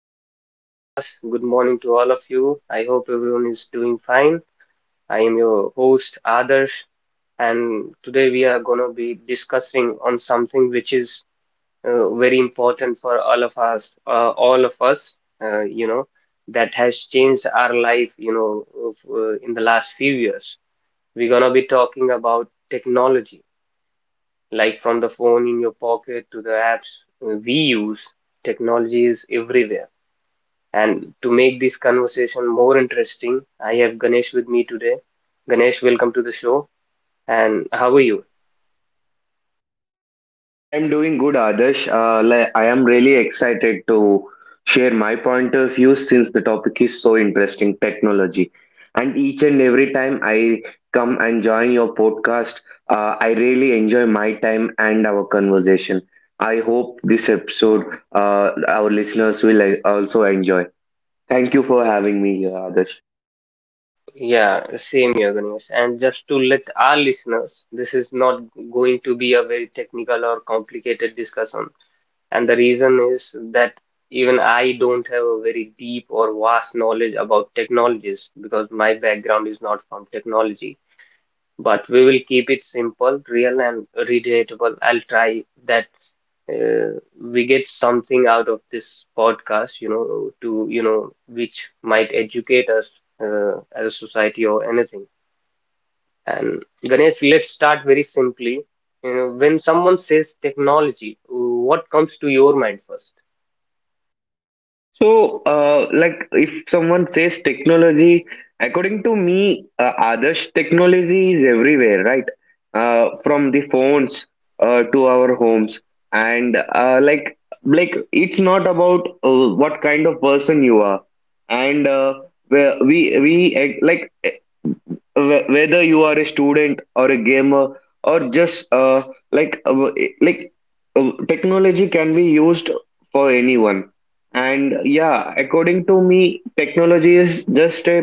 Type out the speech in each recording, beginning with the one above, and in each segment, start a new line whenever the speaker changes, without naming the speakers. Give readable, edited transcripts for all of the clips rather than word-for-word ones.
to another podcast. Good morning to all of you. I hope everyone is doing fine. I am your host Adarsh, and today we are going to be discussing on something which is very important for all of us, uh, you know, that has changed our life, in the last few years. We're going to be talking about technology, like from the phone in your pocket to the apps we use. Technology is everywhere, and to make this conversation more interesting, I have Ganesh with me today. Ganesh, welcome to the show. And how are you?
I am doing good, Adarsh. I am really excited to share my point of view since the topic is so interesting, technology. And each and every time I come and join your podcast, I really enjoy my time and our conversation. I hope this episode, our listeners will also enjoy. Thank you for having me here, Adarsh.
Yeah, same here, Ganesh. And just to let our listeners, this is not going to be a very technical or complicated discussion. And the reason is that even I don't have a very deep or vast knowledge about technologies because my background is not from technology. But we will keep it simple, real, and relatable. I'll try that we get something out of this podcast, which might educate us as a society or anything. And Ganesh, let's start very simply. When someone says technology, what comes to your mind first?
So if someone says technology, according to me, Adarsh, technology is everywhere, right? From the
Yeah,
phones to our homes, and it's not about what kind of person you are, and where we eh, like wh- whether you are a student or a gamer or just like uh, w- like technology can be used for anyone. And yeah, according to me, technology is just a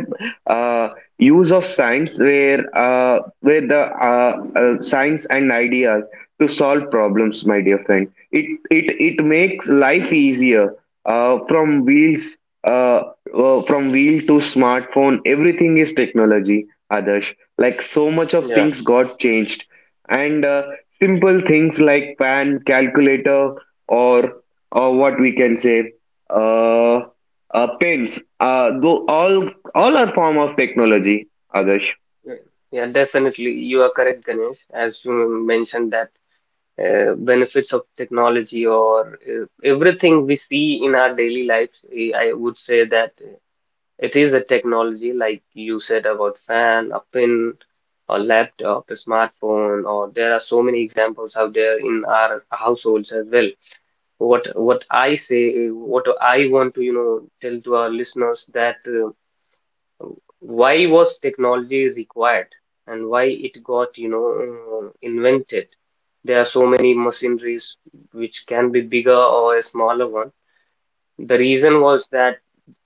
uh, use of science, where the uh, science and ideas to solve problems, my dear friend. It makes life easier, uh, from wheels uh, from wheel to smartphone. Everything is technology, Adarsh. Like so much of
yeah,
things got changed, and simple things like pan, calculator, or or what we can say, uh, pens. Though all are form of technology. Adarsh.
yeah, yeah, definitely. You are correct, Ganesh, as you mentioned that benefits of technology or everything we see in our daily lives. I would say that it is a technology like you said about fan, a pin, a laptop, a smartphone, or there are so many examples out there in our households as well. What I want to, you know, tell to our listeners that why was technology required and why it got, invented. There are so many machineries which can be bigger or a smaller one. The reason was that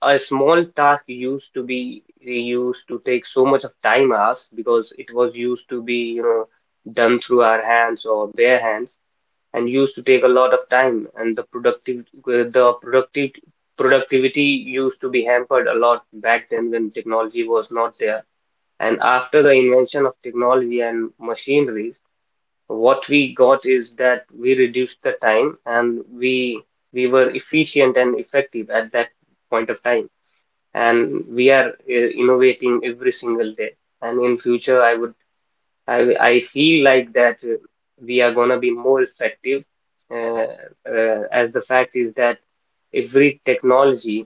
a small task used to be, they used to take so much of time us because it was used to be, you know, done through our hands or bare hands and used to take a lot of time, and the productive productivity used to be hampered a lot back then when technology was not there. And after the invention of technology and machineries, what we got is that we reduced the time, and we were efficient and effective at that point of time, and we are innovating every single day. And in future, I would I feel like that we are going to be more effective, uh, as the fact is that every technology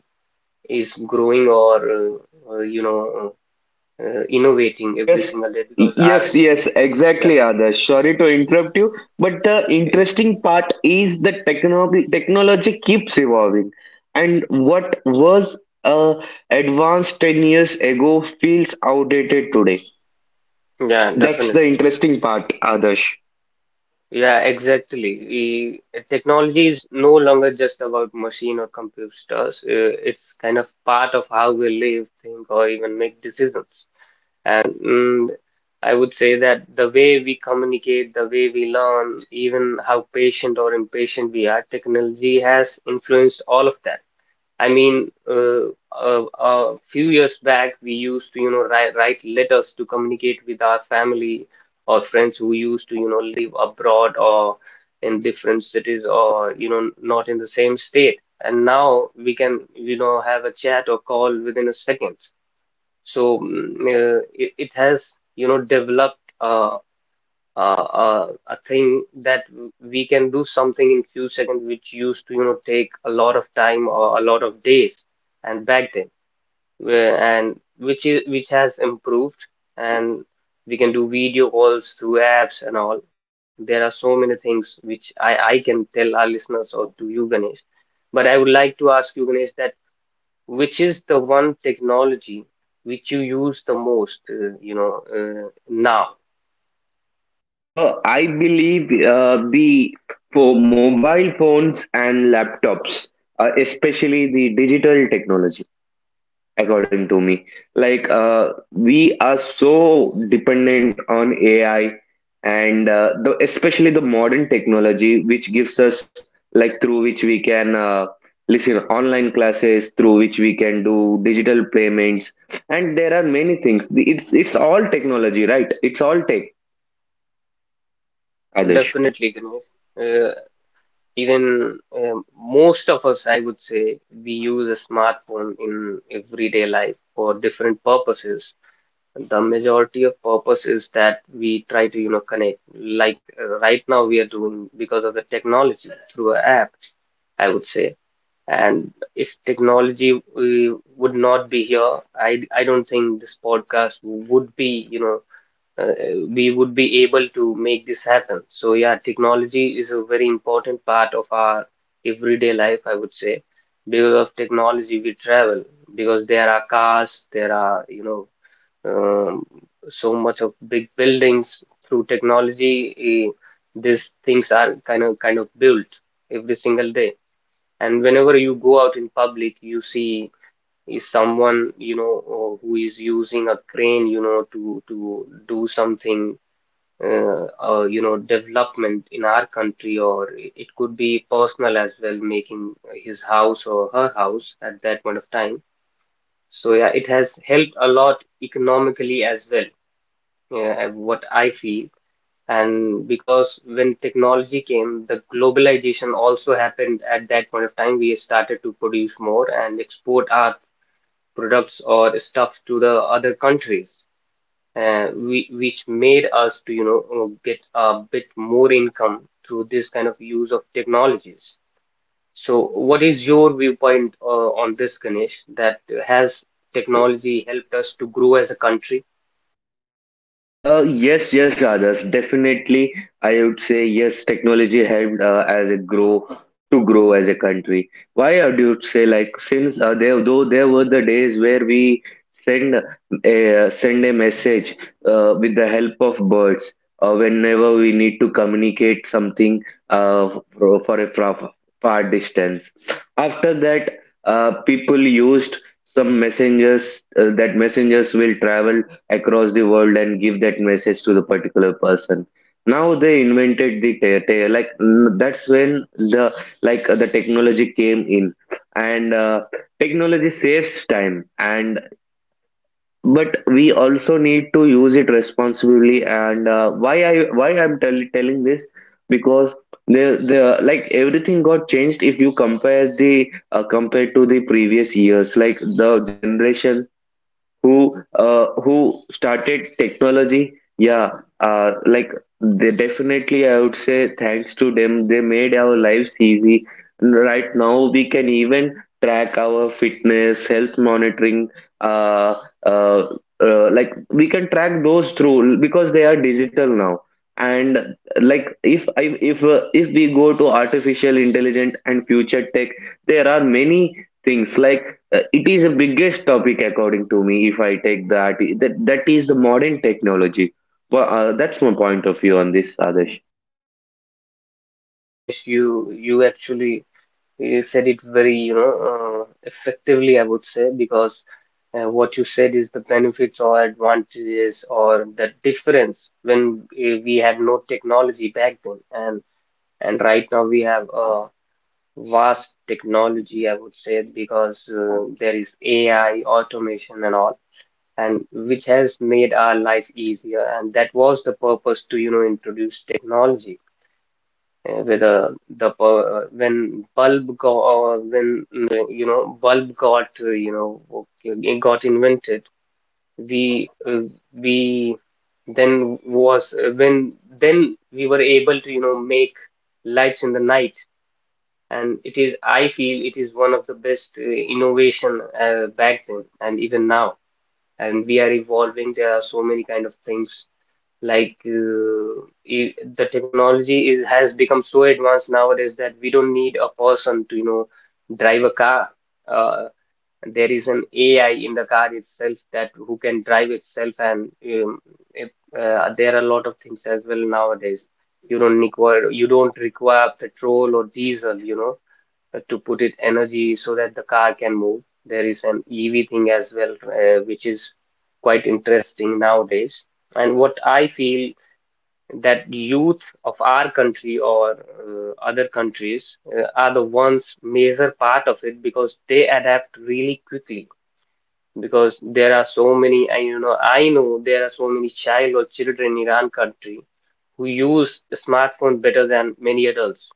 is growing or innovating every
Yes,
single day because
yes,
ours.
yes,
yeah
exactly, Adarsh. Sorry to interrupt you, but the
eh,
interesting part is the technology keeps evolving, and what was uh, advanced 10 years ago feels outdated today.
yeah
That's
definitely.
the interesting part, Adarsh.
Yeah, exactly. Technology is no longer just about machine or computers. It's kind of part of how we live, think, or even make decisions. And I would say that the way we communicate, the way we learn, even how patient or impatient we are, technology has influenced all of that. I mean, a few years back, we used to, you know, write letters to communicate with our family or friends who used to, you know, live abroad or in different cities or, you know, not in the same state. And now we can, you know, have a chat or call within a second. So it has, you know, developed a thing that we can do something in few seconds, which used to, you know, take a lot of time or a lot of days, and back then, where, and which is which has improved, and we can do video calls through apps and all. There are so many things which I can tell our listeners or to you, Ganesh. But I would like to ask you, Ganesh, that which is the one technology which you use the most, now?
I believe the for mobile phones and laptops, especially the digital technology, according to me. We are so dependent on AI, and especially the modern technology, which gives us, like, through which we can listen online classes, through which we can do digital payments, and there are many things. It's all technology, right? It's all tech,
Yeah,
Adesh.
definitely, Ganesh. Even most of us, I would say, we use a smartphone in everyday life for different purposes. The majority of purpose is that we try to, you know, connect. Like right now, we are doing because of the technology through an app, I would say. And if technology would not be here, I don't think this podcast would be, uh, we would be able to make this happen. So yeah, technology is a very important part of our everyday life, I would say. Because of technology, we travel because there are cars, there are, um, so much of big buildings through technology. These things are kind of built every single day. And whenever you go out in public, you see is someone you know or who is using a crane, you know, to do something, you know, development in our country, or it could be personal as well, making his house or her house at that point of time. So yeah, it has helped a lot economically as well, yeah, what I feel. And because when technology came, the globalization also happened at that point of time. We started to produce more and export our products or stuff to the other countries, which made us to, you know, get a bit more income through this kind of use of technologies. So, what is your viewpoint on this, Ganesh? That has
Uh,
technology helped us to grow as a country?
Yes, yes, Adarsh. Definitely, I would say yes. Technology helped, as it grow to grow as a country. Why I would say, like, since there though there were the days where we send a message with the help of birds whenever we need to communicate something, uh, for a far, far distance. After that, people used some messengers, that messengers will travel across the world and give that message to the particular person. Now they invented the that's when the, the technology came in. And technology saves time, and but we also need to use it responsibly. And why I'm telling this, because the like everything got changed if you compare the, compared to the previous years, like the generation who started technology. Yeah, uh, like they definitely, I would say, thanks to them, they made our lives easy. Right now we can even track our fitness, health monitoring, uh, uh, we can track those through, because they are digital now. And like if I, if we go to artificial intelligence and future tech, there are many things, like, it is the biggest topic according to me. If I take that, that is the modern technology. Well, that's my point of view on this, Adesh.
Ganesh, you actually said it very, you know, effectively, I would say, because what you said is the benefits or advantages or the difference when we had no technology back then, and right now we have a vast technology, I would say, because there is AI, automation, and all, and which has made our life easier. And that was the purpose to, you know, introduce technology. When bulb go or when you know, bulb got, you know, it got invented, we uh, we then was when then we were able to, you know, make lights in the night, and it is, I feel, it is one of the best innovation back then and even now. And we are evolving, there are so many kind of things, like uh, the technology is has become so advanced nowadays that we don't need a person to, you know, drive a car. uh, there is an AI in the car itself that who can drive itself. And if, there are a lot of things as well nowadays. You don't require you don't require petrol or diesel, you know, to put it energy so that the car can move. There is an EV thing as well, which is quite interesting nowadays. And what I feel that youth of our country or other countries are the ones major part of it because they adapt really quickly. Because there are so many, I know there are so many child or children in Iran country who use the smartphone better than many adults.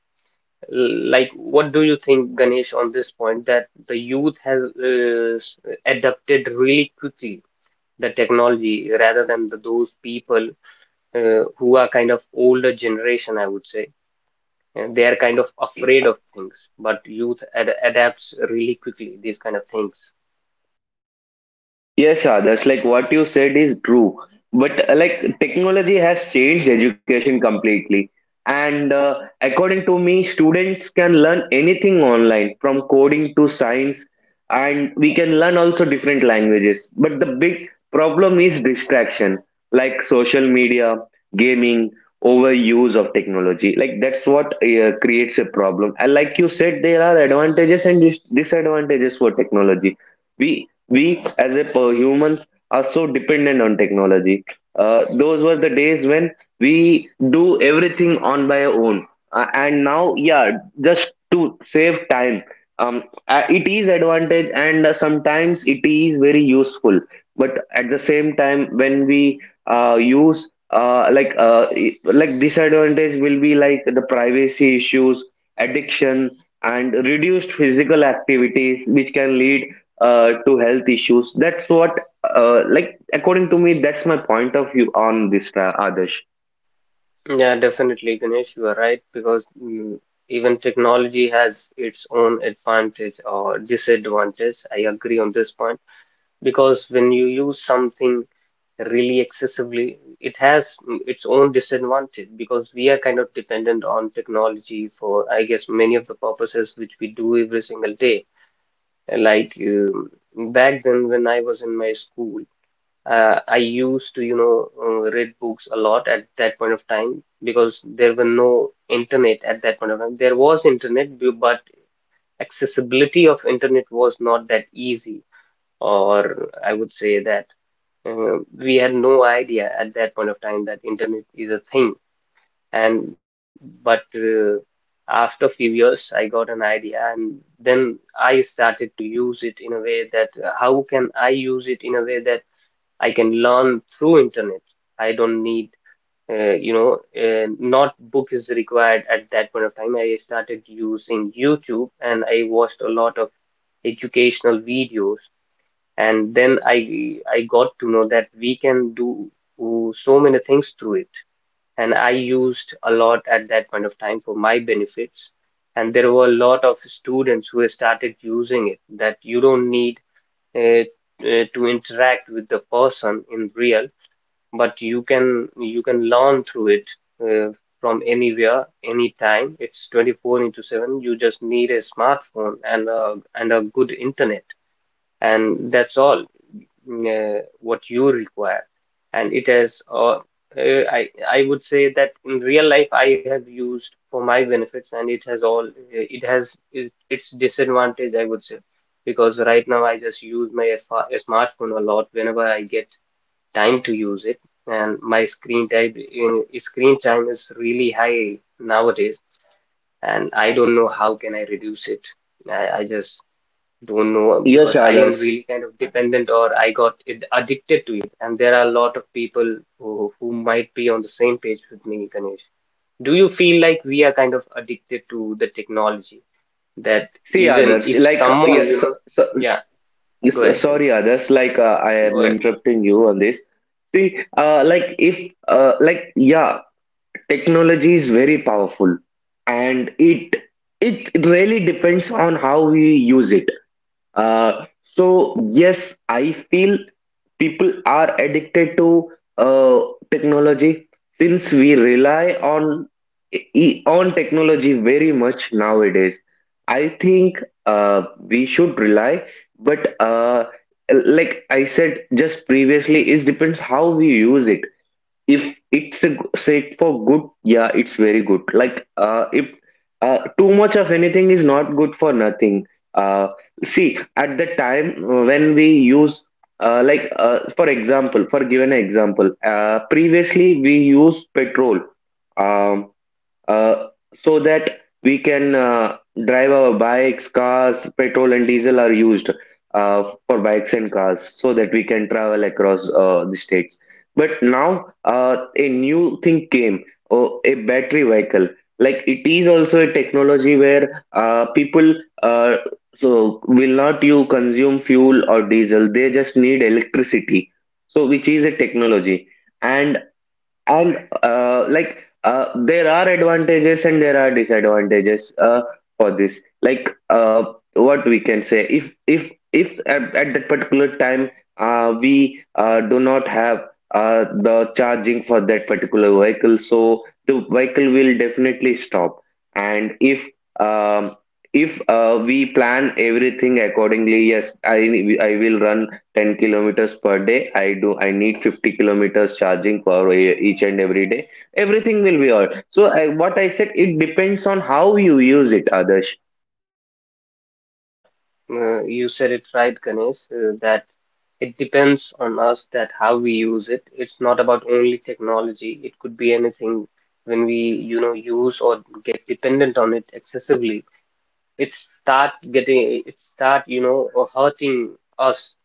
Like, what do you think, Ganesh, on this point that the youth has, adapted really quickly the technology rather than the, those people who are kind of older generation, I would say. And they are kind of
See
afraid of things, but youth ad
uh,
adapts really quickly these kind of things.
Yes, Adarsh, like what you said is true. But technology has changed education completely. And according to me, students can learn anything online, from coding to science, and we can learn also different languages. But the big problem is distraction, like social media, gaming, overuse of technology. Like that's what creates a problem. And like you said, there are advantages and disadvantages for technology. We as a per humans are so dependent on technology. Those were the days when we do everything on by our own. And now, yeah, just to save time, it is advantage, and sometimes it is very useful. But at the same time, when we use like I- like disadvantage will be like the privacy issues, addiction, and reduced physical activities, which can lead to health issues. That's what, according to me, that's my point of view on this, Adarsh.
Yeah, definitely, Ganesh, you are right because, even technology has its own advantage or disadvantage. I agree on this point because when you use something really excessively, it has, its own disadvantage because we are kind of dependent on technology for, I guess, many of the purposes which we do every single day. Like back then when I was in my school, I used to, you know, read books a lot at that point of time because there were no internet at that point of time. There was internet, but accessibility of internet was not that easy, or I would say that we had no idea at that point of time that internet is a thing and but after a few years I got an idea, and then I started to use it in a way that, how can I use it in a way that I can learn through internet. I don't need not book is required at that point of time. I started using YouTube and I watched a lot of educational videos, and then I got to know that we can do so many things through it, and I used a lot at that point of time for my benefits, and there were a lot of students who started using it that you don't need uh, to interact with the person in real, but you can learn through it uh, from anywhere, anytime. It's 24 into 7. You just need a smartphone and a good internet, and that's all what you require. And it has I would say that in real life I have used for my benefits, and it has all it has its disadvantage, I would say, because right now I just use my smartphone a lot whenever I get time to use it, and my screen time, screen time is really high nowadays, and I don't know how can I reduce it. I just don't know
Yes,
because I am
others.
really kind of dependent, or I got addicted to it. And there are a lot of people who might be on the same page with me, Ganesh. Do you feel like we are kind of addicted to the technology that
See,
even
others.
if
Like,
someone,
yeah,
you
so,
know,
so,
yeah, go
yes, uh,
ahead, Ganesh.
sorry, others. I
Go
am
ahead.
interrupting you on this. See, like, if, like, Yeah, technology is very powerful, and it really depends on how we use it. Uh, so yes, I feel people are addicted to uh, technology, since we rely on on technology very much nowadays. I think we should rely, but like I said just previously, it depends how we use it. If sake for good, yeah, it's very good. Like if Too much of anything is not good for nothing. Uh see at the time When we use, for example, for given example, previously we used petrol, um uh, so that we can drive our bikes, cars. Petrol and diesel are used for bikes and cars so that we can travel across the states. But now a new thing came, oh, a battery vehicle. Like it is also a technology, where people, uh, so, will not you consume fuel or diesel. They just need electricity. So which is a technology. and and there are advantages and there are disadvantages for this, like, what we can say, if at, at that particular time we do not have the charging for that particular vehicle, so the vehicle will definitely stop. And um, if we plan everything accordingly, yes, I will run 10 kilometers per day. I do, I need 50 kilometers charging for each and every day, everything will be all. So I, what I said, it depends on how you use it, Adarsh.
Yeah, you said it right, Ganesh, that it depends on us that how we use it. It's not about only technology. It could be anything when we, you know, use or get dependent on it excessively. It start, you know, hurting us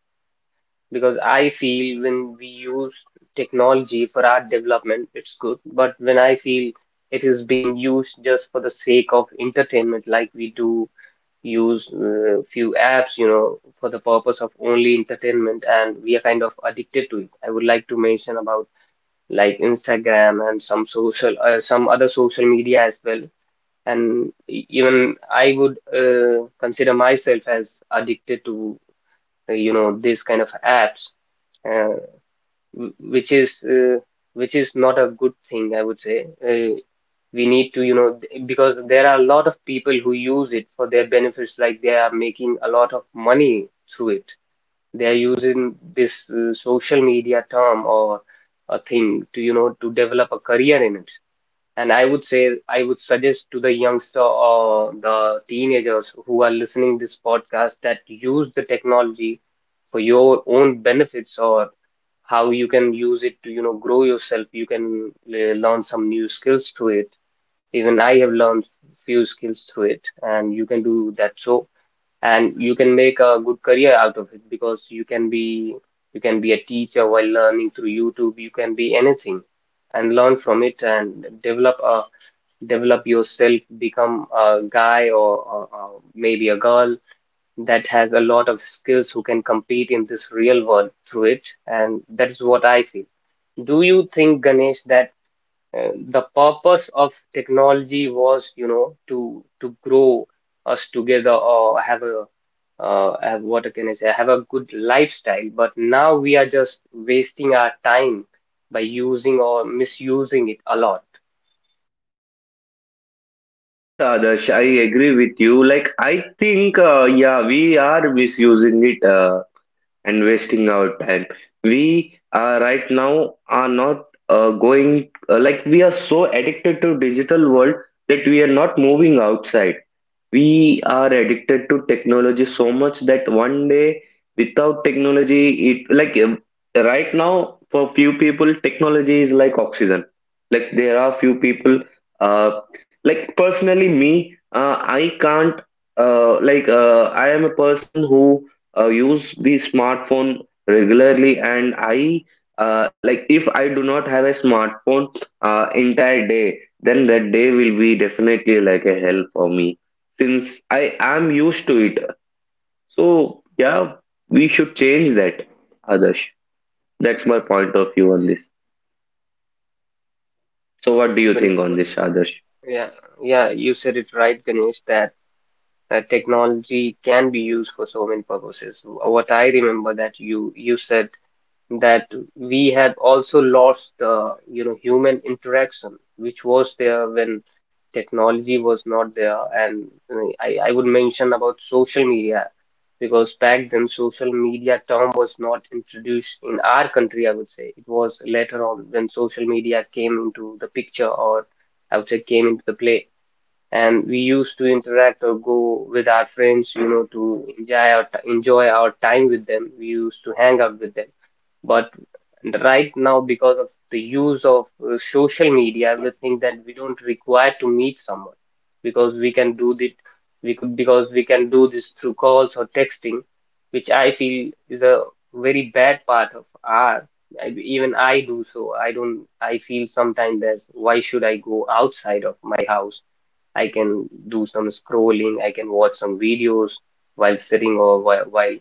because I feel when we use technology for our development, it's good. But when I feel it is being used just for the sake of entertainment, like we do use few apps, you know, for the purpose of only entertainment, and we are kind of addicted to it. I would like to mention about like Instagram and some some other social media as well. And even I would consider myself as addicted to, you know, this kind of apps, uh, w- which is uh, which is not a good thing, I would say. We need to, you know, because there are a lot of people who use it for their benefits, like they are making a lot of money through it. They are using this social media term or a thing to, you know, to develop a career in it, and I would say, I would suggest to the youngster or the teenagers who are listening this podcast that use the technology for your own benefits, or how you can use it to, you know, grow yourself. You can learn some new skills through it. Even I have learned few skills through it, and you can do that so, and you can make a good career out of it, because you can be a teacher while learning through YouTube. You can be anything and learn from it and develop yourself, become a guy or maybe a girl that has a lot of skills, who can compete in this real world through it, and that is what I feel. Do you think, Ganesh, that and the purpose of technology was, you know, to grow us together or have a have, what can I say, have a good lifestyle. But now we are just wasting our time by using or misusing it a lot.
Yes, Adarsh, I agree with you. Like, I think, yeah, we are misusing it, and wasting our time. We, right now, are not going, we are so addicted to digital world that we are not moving outside. We are addicted to technology so much that one day without technology, it like, right now, for few people, technology is like oxygen. Like there are few people, uh, like personally me, I can't, I am a person who use the smartphone regularly, and I, if I do not have a smartphone entire day, then that day will be definitely like a hell for me, since I am used to it. So yeah, we should change that, Adarsh. That's my point of view on this. So what do
True,
you think
Ganesh,
on
what
this,
you,
Adarsh?
yeah, yeah, you said it right, Ganesh, that technology can be used for so many purposes. What I remember that you said that we have also lost the, you know, human interaction which was there when technology was not there, and I would mention about social media, because back then social media term was not introduced in our country, I would say. It was later on when social media came into the picture, or I would say came into the play, and we used to interact or go with our friends, you know, to enjoy enjoy our time with them. We used to hang out with them, but. And right now, because of the use of social media, we think that we don't require to meet someone because we can do it. We could because we can do this through calls or texting, which I feel is a very bad part of our. I, even I do so. I don't. I feel sometimes, as why should I go outside of my house? I can do some scrolling. I can watch some videos while sitting, or while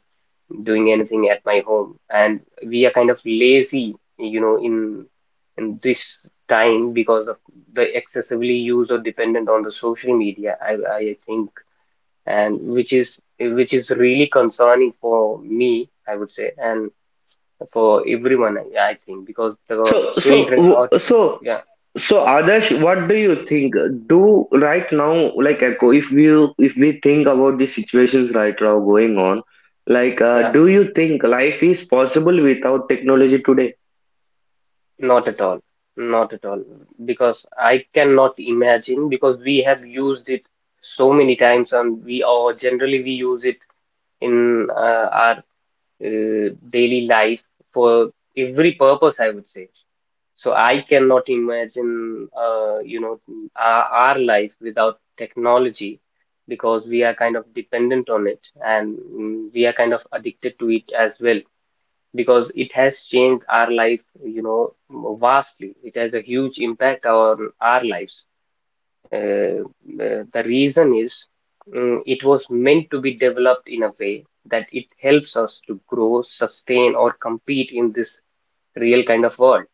doing anything at my home, and we are kind of lazy, you know, in this time because of the excessively use or dependent on the social media, I think, and which is really concerning for me, I would say, and for everyone, I think, because the
So so
children
w-
or
so
yeah
so, Adarsh, what do you think? Do right now, like echo, if you, if we think about the situations right now going on,
yeah
do you think life is possible without technology today?
not at all not at all because I cannot imagine because we have used it so many times, and we, or generally we use it in our daily life for every purpose, I would say. So I cannot imagine, you know, our life without technology because we are kind of dependent on it, and we are kind of addicted to it as well, because it has changed our life, you know, vastly. It has a huge impact on our lives. Uh, the reason is, it was meant to be developed in a way that it helps us to grow, sustain, or compete in this real kind of world,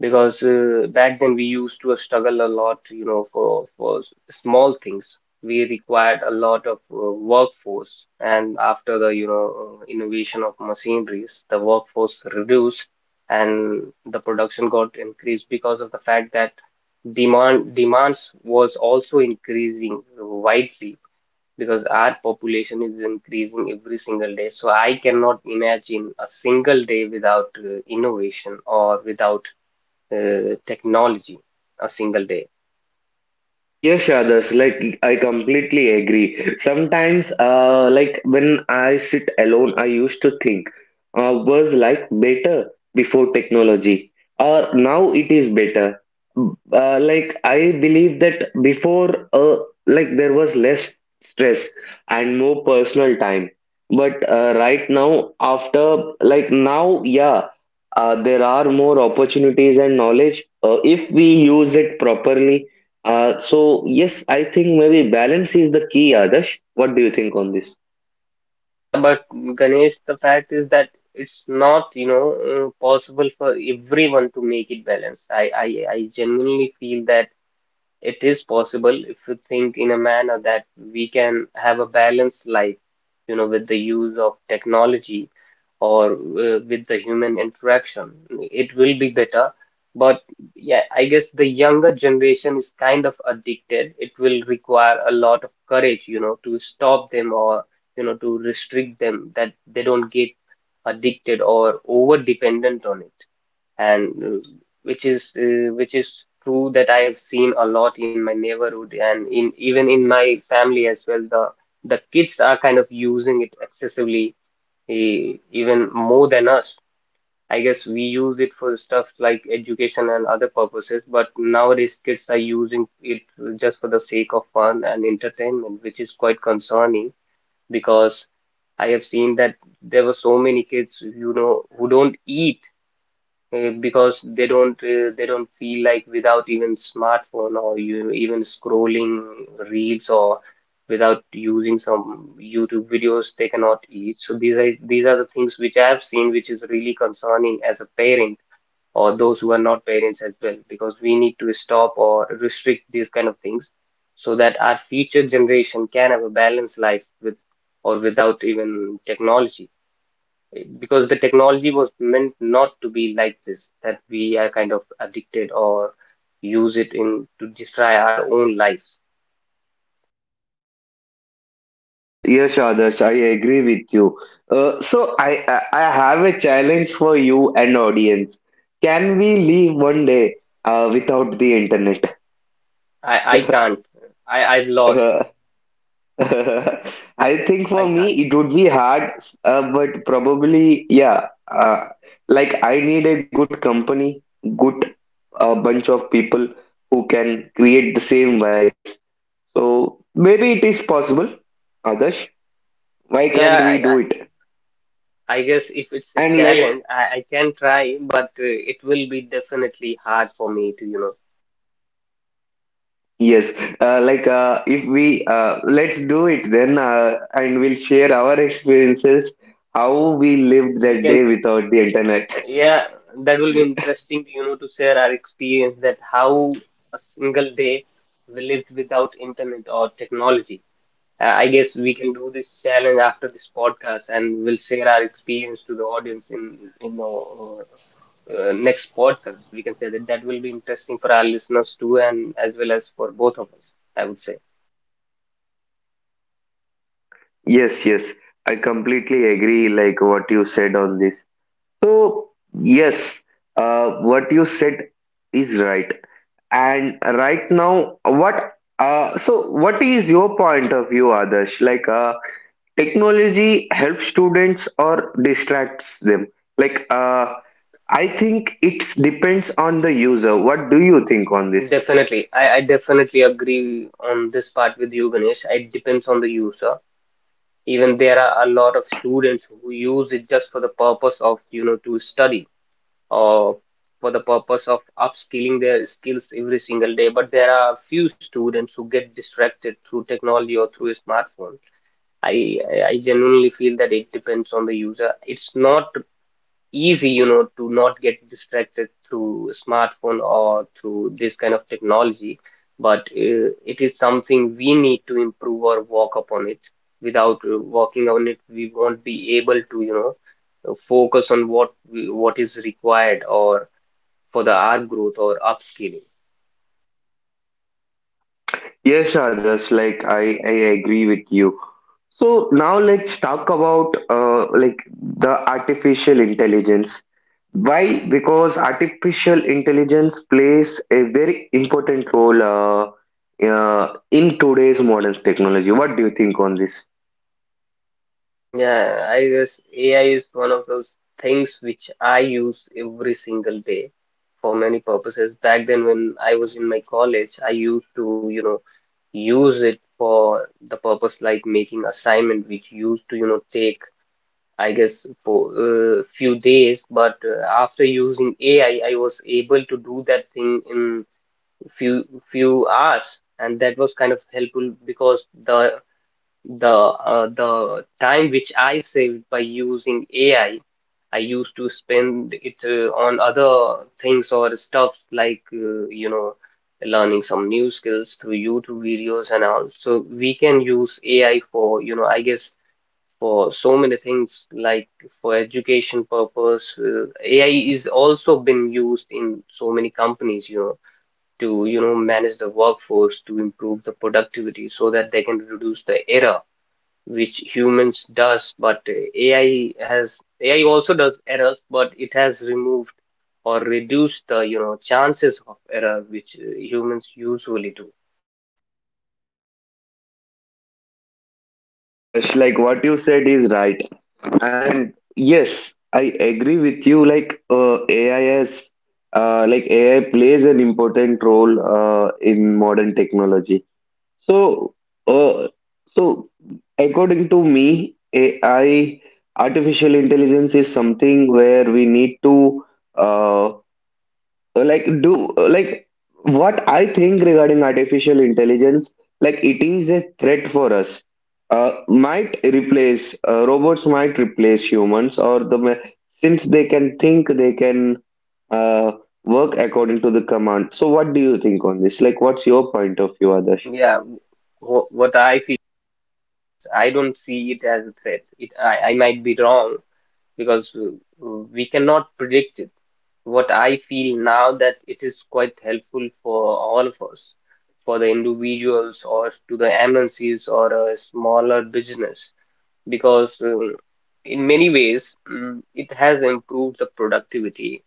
because back then we used to struggle a lot, you know, for small things. We required a lot of workforce, and after the, you know, innovation of machineries, the workforce reduced, and the production got increased, because of the fact that demands was also increasing widely, because our population is increasing every single day. So I cannot imagine a single day without innovation, or without technology, a single day.
Yes, others, like I completely agree. Sometimes, when I sit alone, I used to think, was like better before technology, or now it is better. I believe that before, like, there was less stress and more personal time. But right now, after, like now, yeah, there are more opportunities and knowledge if we use it properly. So yes, I think maybe balance is the key, Adarsh. What do you think on this?
Yeah, but Ganesh, the fact is that it's not, you know, possible for everyone to make it balanced. I genuinely feel that it is possible, if you think in a manner that we can have a balanced life, you know, with the use of technology, or with the human interaction. It will be better. But yeah, I guess the younger generation is kind of addicted. It will require a lot of courage, you know, to stop them, or, you know, to restrict them, that they don't get addicted or over dependent on it, and which is true, that I have seen a lot in my neighborhood, and in even in my family as well. The kids are kind of using it excessively, even more than us. I guess we use it for stuff like education and other purposes, but nowadays kids are using it just for the sake of fun and entertainment, which is quite concerning, because I have seen that there were so many kids, you know, who don't eat, because they don't feel like, without even smartphone, or you even scrolling reels, or without using some YouTube videos, they cannot eat. So these are the things which I have seen, which is really concerning as a parent, or those who are not parents as well, because we need to stop or restrict these kind of things, so that our future generation can have a balanced life with or without even technology, because the technology was meant not to be like this, that we are kind of addicted, or use it in to destroy our own lives.
Yes, yes, Adarsh, I agree with you. So I have a challenge for you and audience. Can we
Yeah,
live one day without the internet?
I can't. I I've lost.
I think for
I
me
can't.
it would be hard, but probably yeah. I need a good company, good bunch of people who can create the same vibes. So maybe it is possible, Adarsh. Why can't
Yeah,
we do
I
it?
I I guess if it's a
And let's
challenge, I can try, but it will be definitely hard for me to, you know.
yes, like if we Let's do it then, and we'll share our experiences, how we
Yeah,
lived
we
that
can.
day without the internet.
Yeah, that will be interesting, you know, to share our experience, that how a single day we lived without internet or technology. I guess we can do this challenge after this podcast, and we'll share our experience to the audience in our next podcast. We can say that that will be interesting for our listeners too, and as well as for both of us. I would say
Yes, yes, I completely agree, like what you said on this. So, yes, what you said is right. And right now, what, so what is your point of view, Adarsh? Like, technology helps students or distracts them? Like, I think it depends on the user. What do you think on this?
definitely. I definitely agree on this part with you, Ganesh. It depends on the user. Even there are a lot of students who use it just for the purpose of, you know, to study uh, for the purpose of upskilling their skills every single day. But there are few students who get distracted through technology or through a smartphone. I genuinely feel that it depends on the user. It's not easy, you know, to not get distracted through smartphone or through this kind of technology, but it is something we need to improve or work upon it. Without working on it, we won't be able to, you know, focus on what we, what is required, or for the R growth or upskilling.
Yes, Adarsh, like I agree with you. So now let's talk about the artificial intelligence. Why? Because artificial intelligence plays a very important role in today's modern technology. What do you think on this?
Yeah, I guess AI is one of those things which I use every single day for many purposes. Back then, when I was in my college, I used to, use it for the purpose like making assignment, which used to, take, I guess, for a few days. But after using AI, I was able to do that thing in few few hours, and that was kind of helpful because the time which I saved by using AI, I used to spend it on other things or stuff like learning some new skills through YouTube videos and all. So we can use AI for I guess for so many things like for education purpose. AI is also been used in so many companies, to manage the workforce to improve the productivity so that they can reduce the error which humans does, but AI has, AI also does errors, but it has removed or reduced the chances of error which humans usually do.
Yes, Adarsh, like what you said is right. And yes, I agree with you. Like AI has, AI plays an important role in modern technology. So, uh, so according to me, AI, artificial intelligence is something where we need to, uh, like do like what I think regarding artificial intelligence, like it is a threat for us. Might replace, robots might replace humans, since they can think, they can uh, work according to the command. So what do you think on this? Like, what's your point of view,
yeah
Adarsh?
yeah what I feel is, I don't see it as a threat. I might be wrong because we cannot predict it. What I feel now, that it is quite helpful for all of us, for the individuals or to the MNCs or a smaller business, because in many ways it has improved the productivity.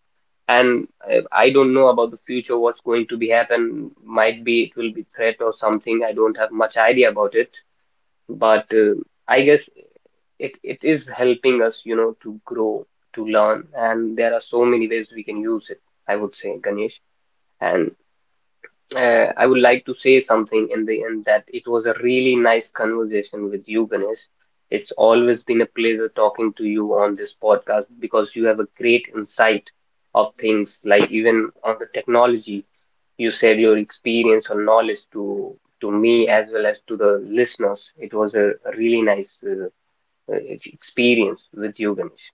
And I don't know about the future what's going to be happen. Might be it will be threat or something. I don't have much idea about it, but I guess it is helping us, to grow, to learn, and there are so many ways we can use it. I would say, Ganesh, and. I would like to say something in the end, that it was a really nice conversation with you, Ganesh. It's always been a pleasure talking to you on this podcast because you have a great insight of things, like even on the technology. You shared your experience or knowledge to me as well as to the listeners. It was a really nice experience with you, Ganesh.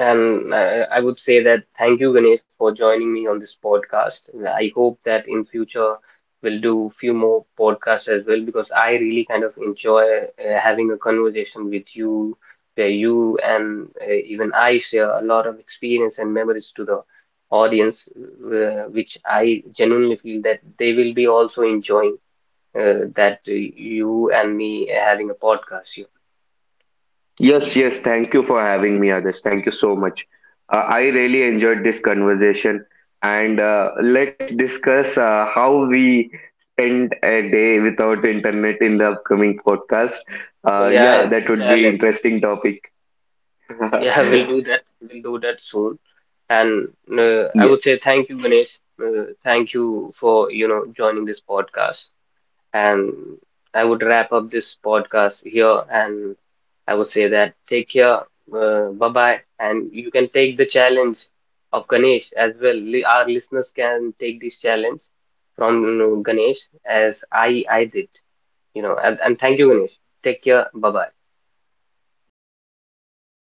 And I would say that thank you, Ganesh, for joining me on this podcast. I hope that in future we'll do few more podcasts as well, because I really kind of enjoy having a conversation with you, where you and even I share a lot of experience and memories to the audience, which I genuinely feel that they will be also enjoying that you and me having a podcast here.
Yes, yes. Thank you for having me, Adesh. Thank you so much. I really enjoyed this conversation, and let's discuss how we spend a day without internet in the upcoming podcast.
Yeah,
Yeah,
it's
that
a
would be
challenge.
interesting topic.
Yeah, we'll do that. We'll do that soon. And I
Yeah.
would say thank you, Ganesh. Thank you for, joining this podcast. And I would wrap up this podcast here. And I would say that take care. Bye-bye. And you can take the challenge of Ganesh as well. Our listeners can take this challenge from Ganesh as I did. You know, and thank you, Ganesh. Take care. Bye-bye.
Bye bye.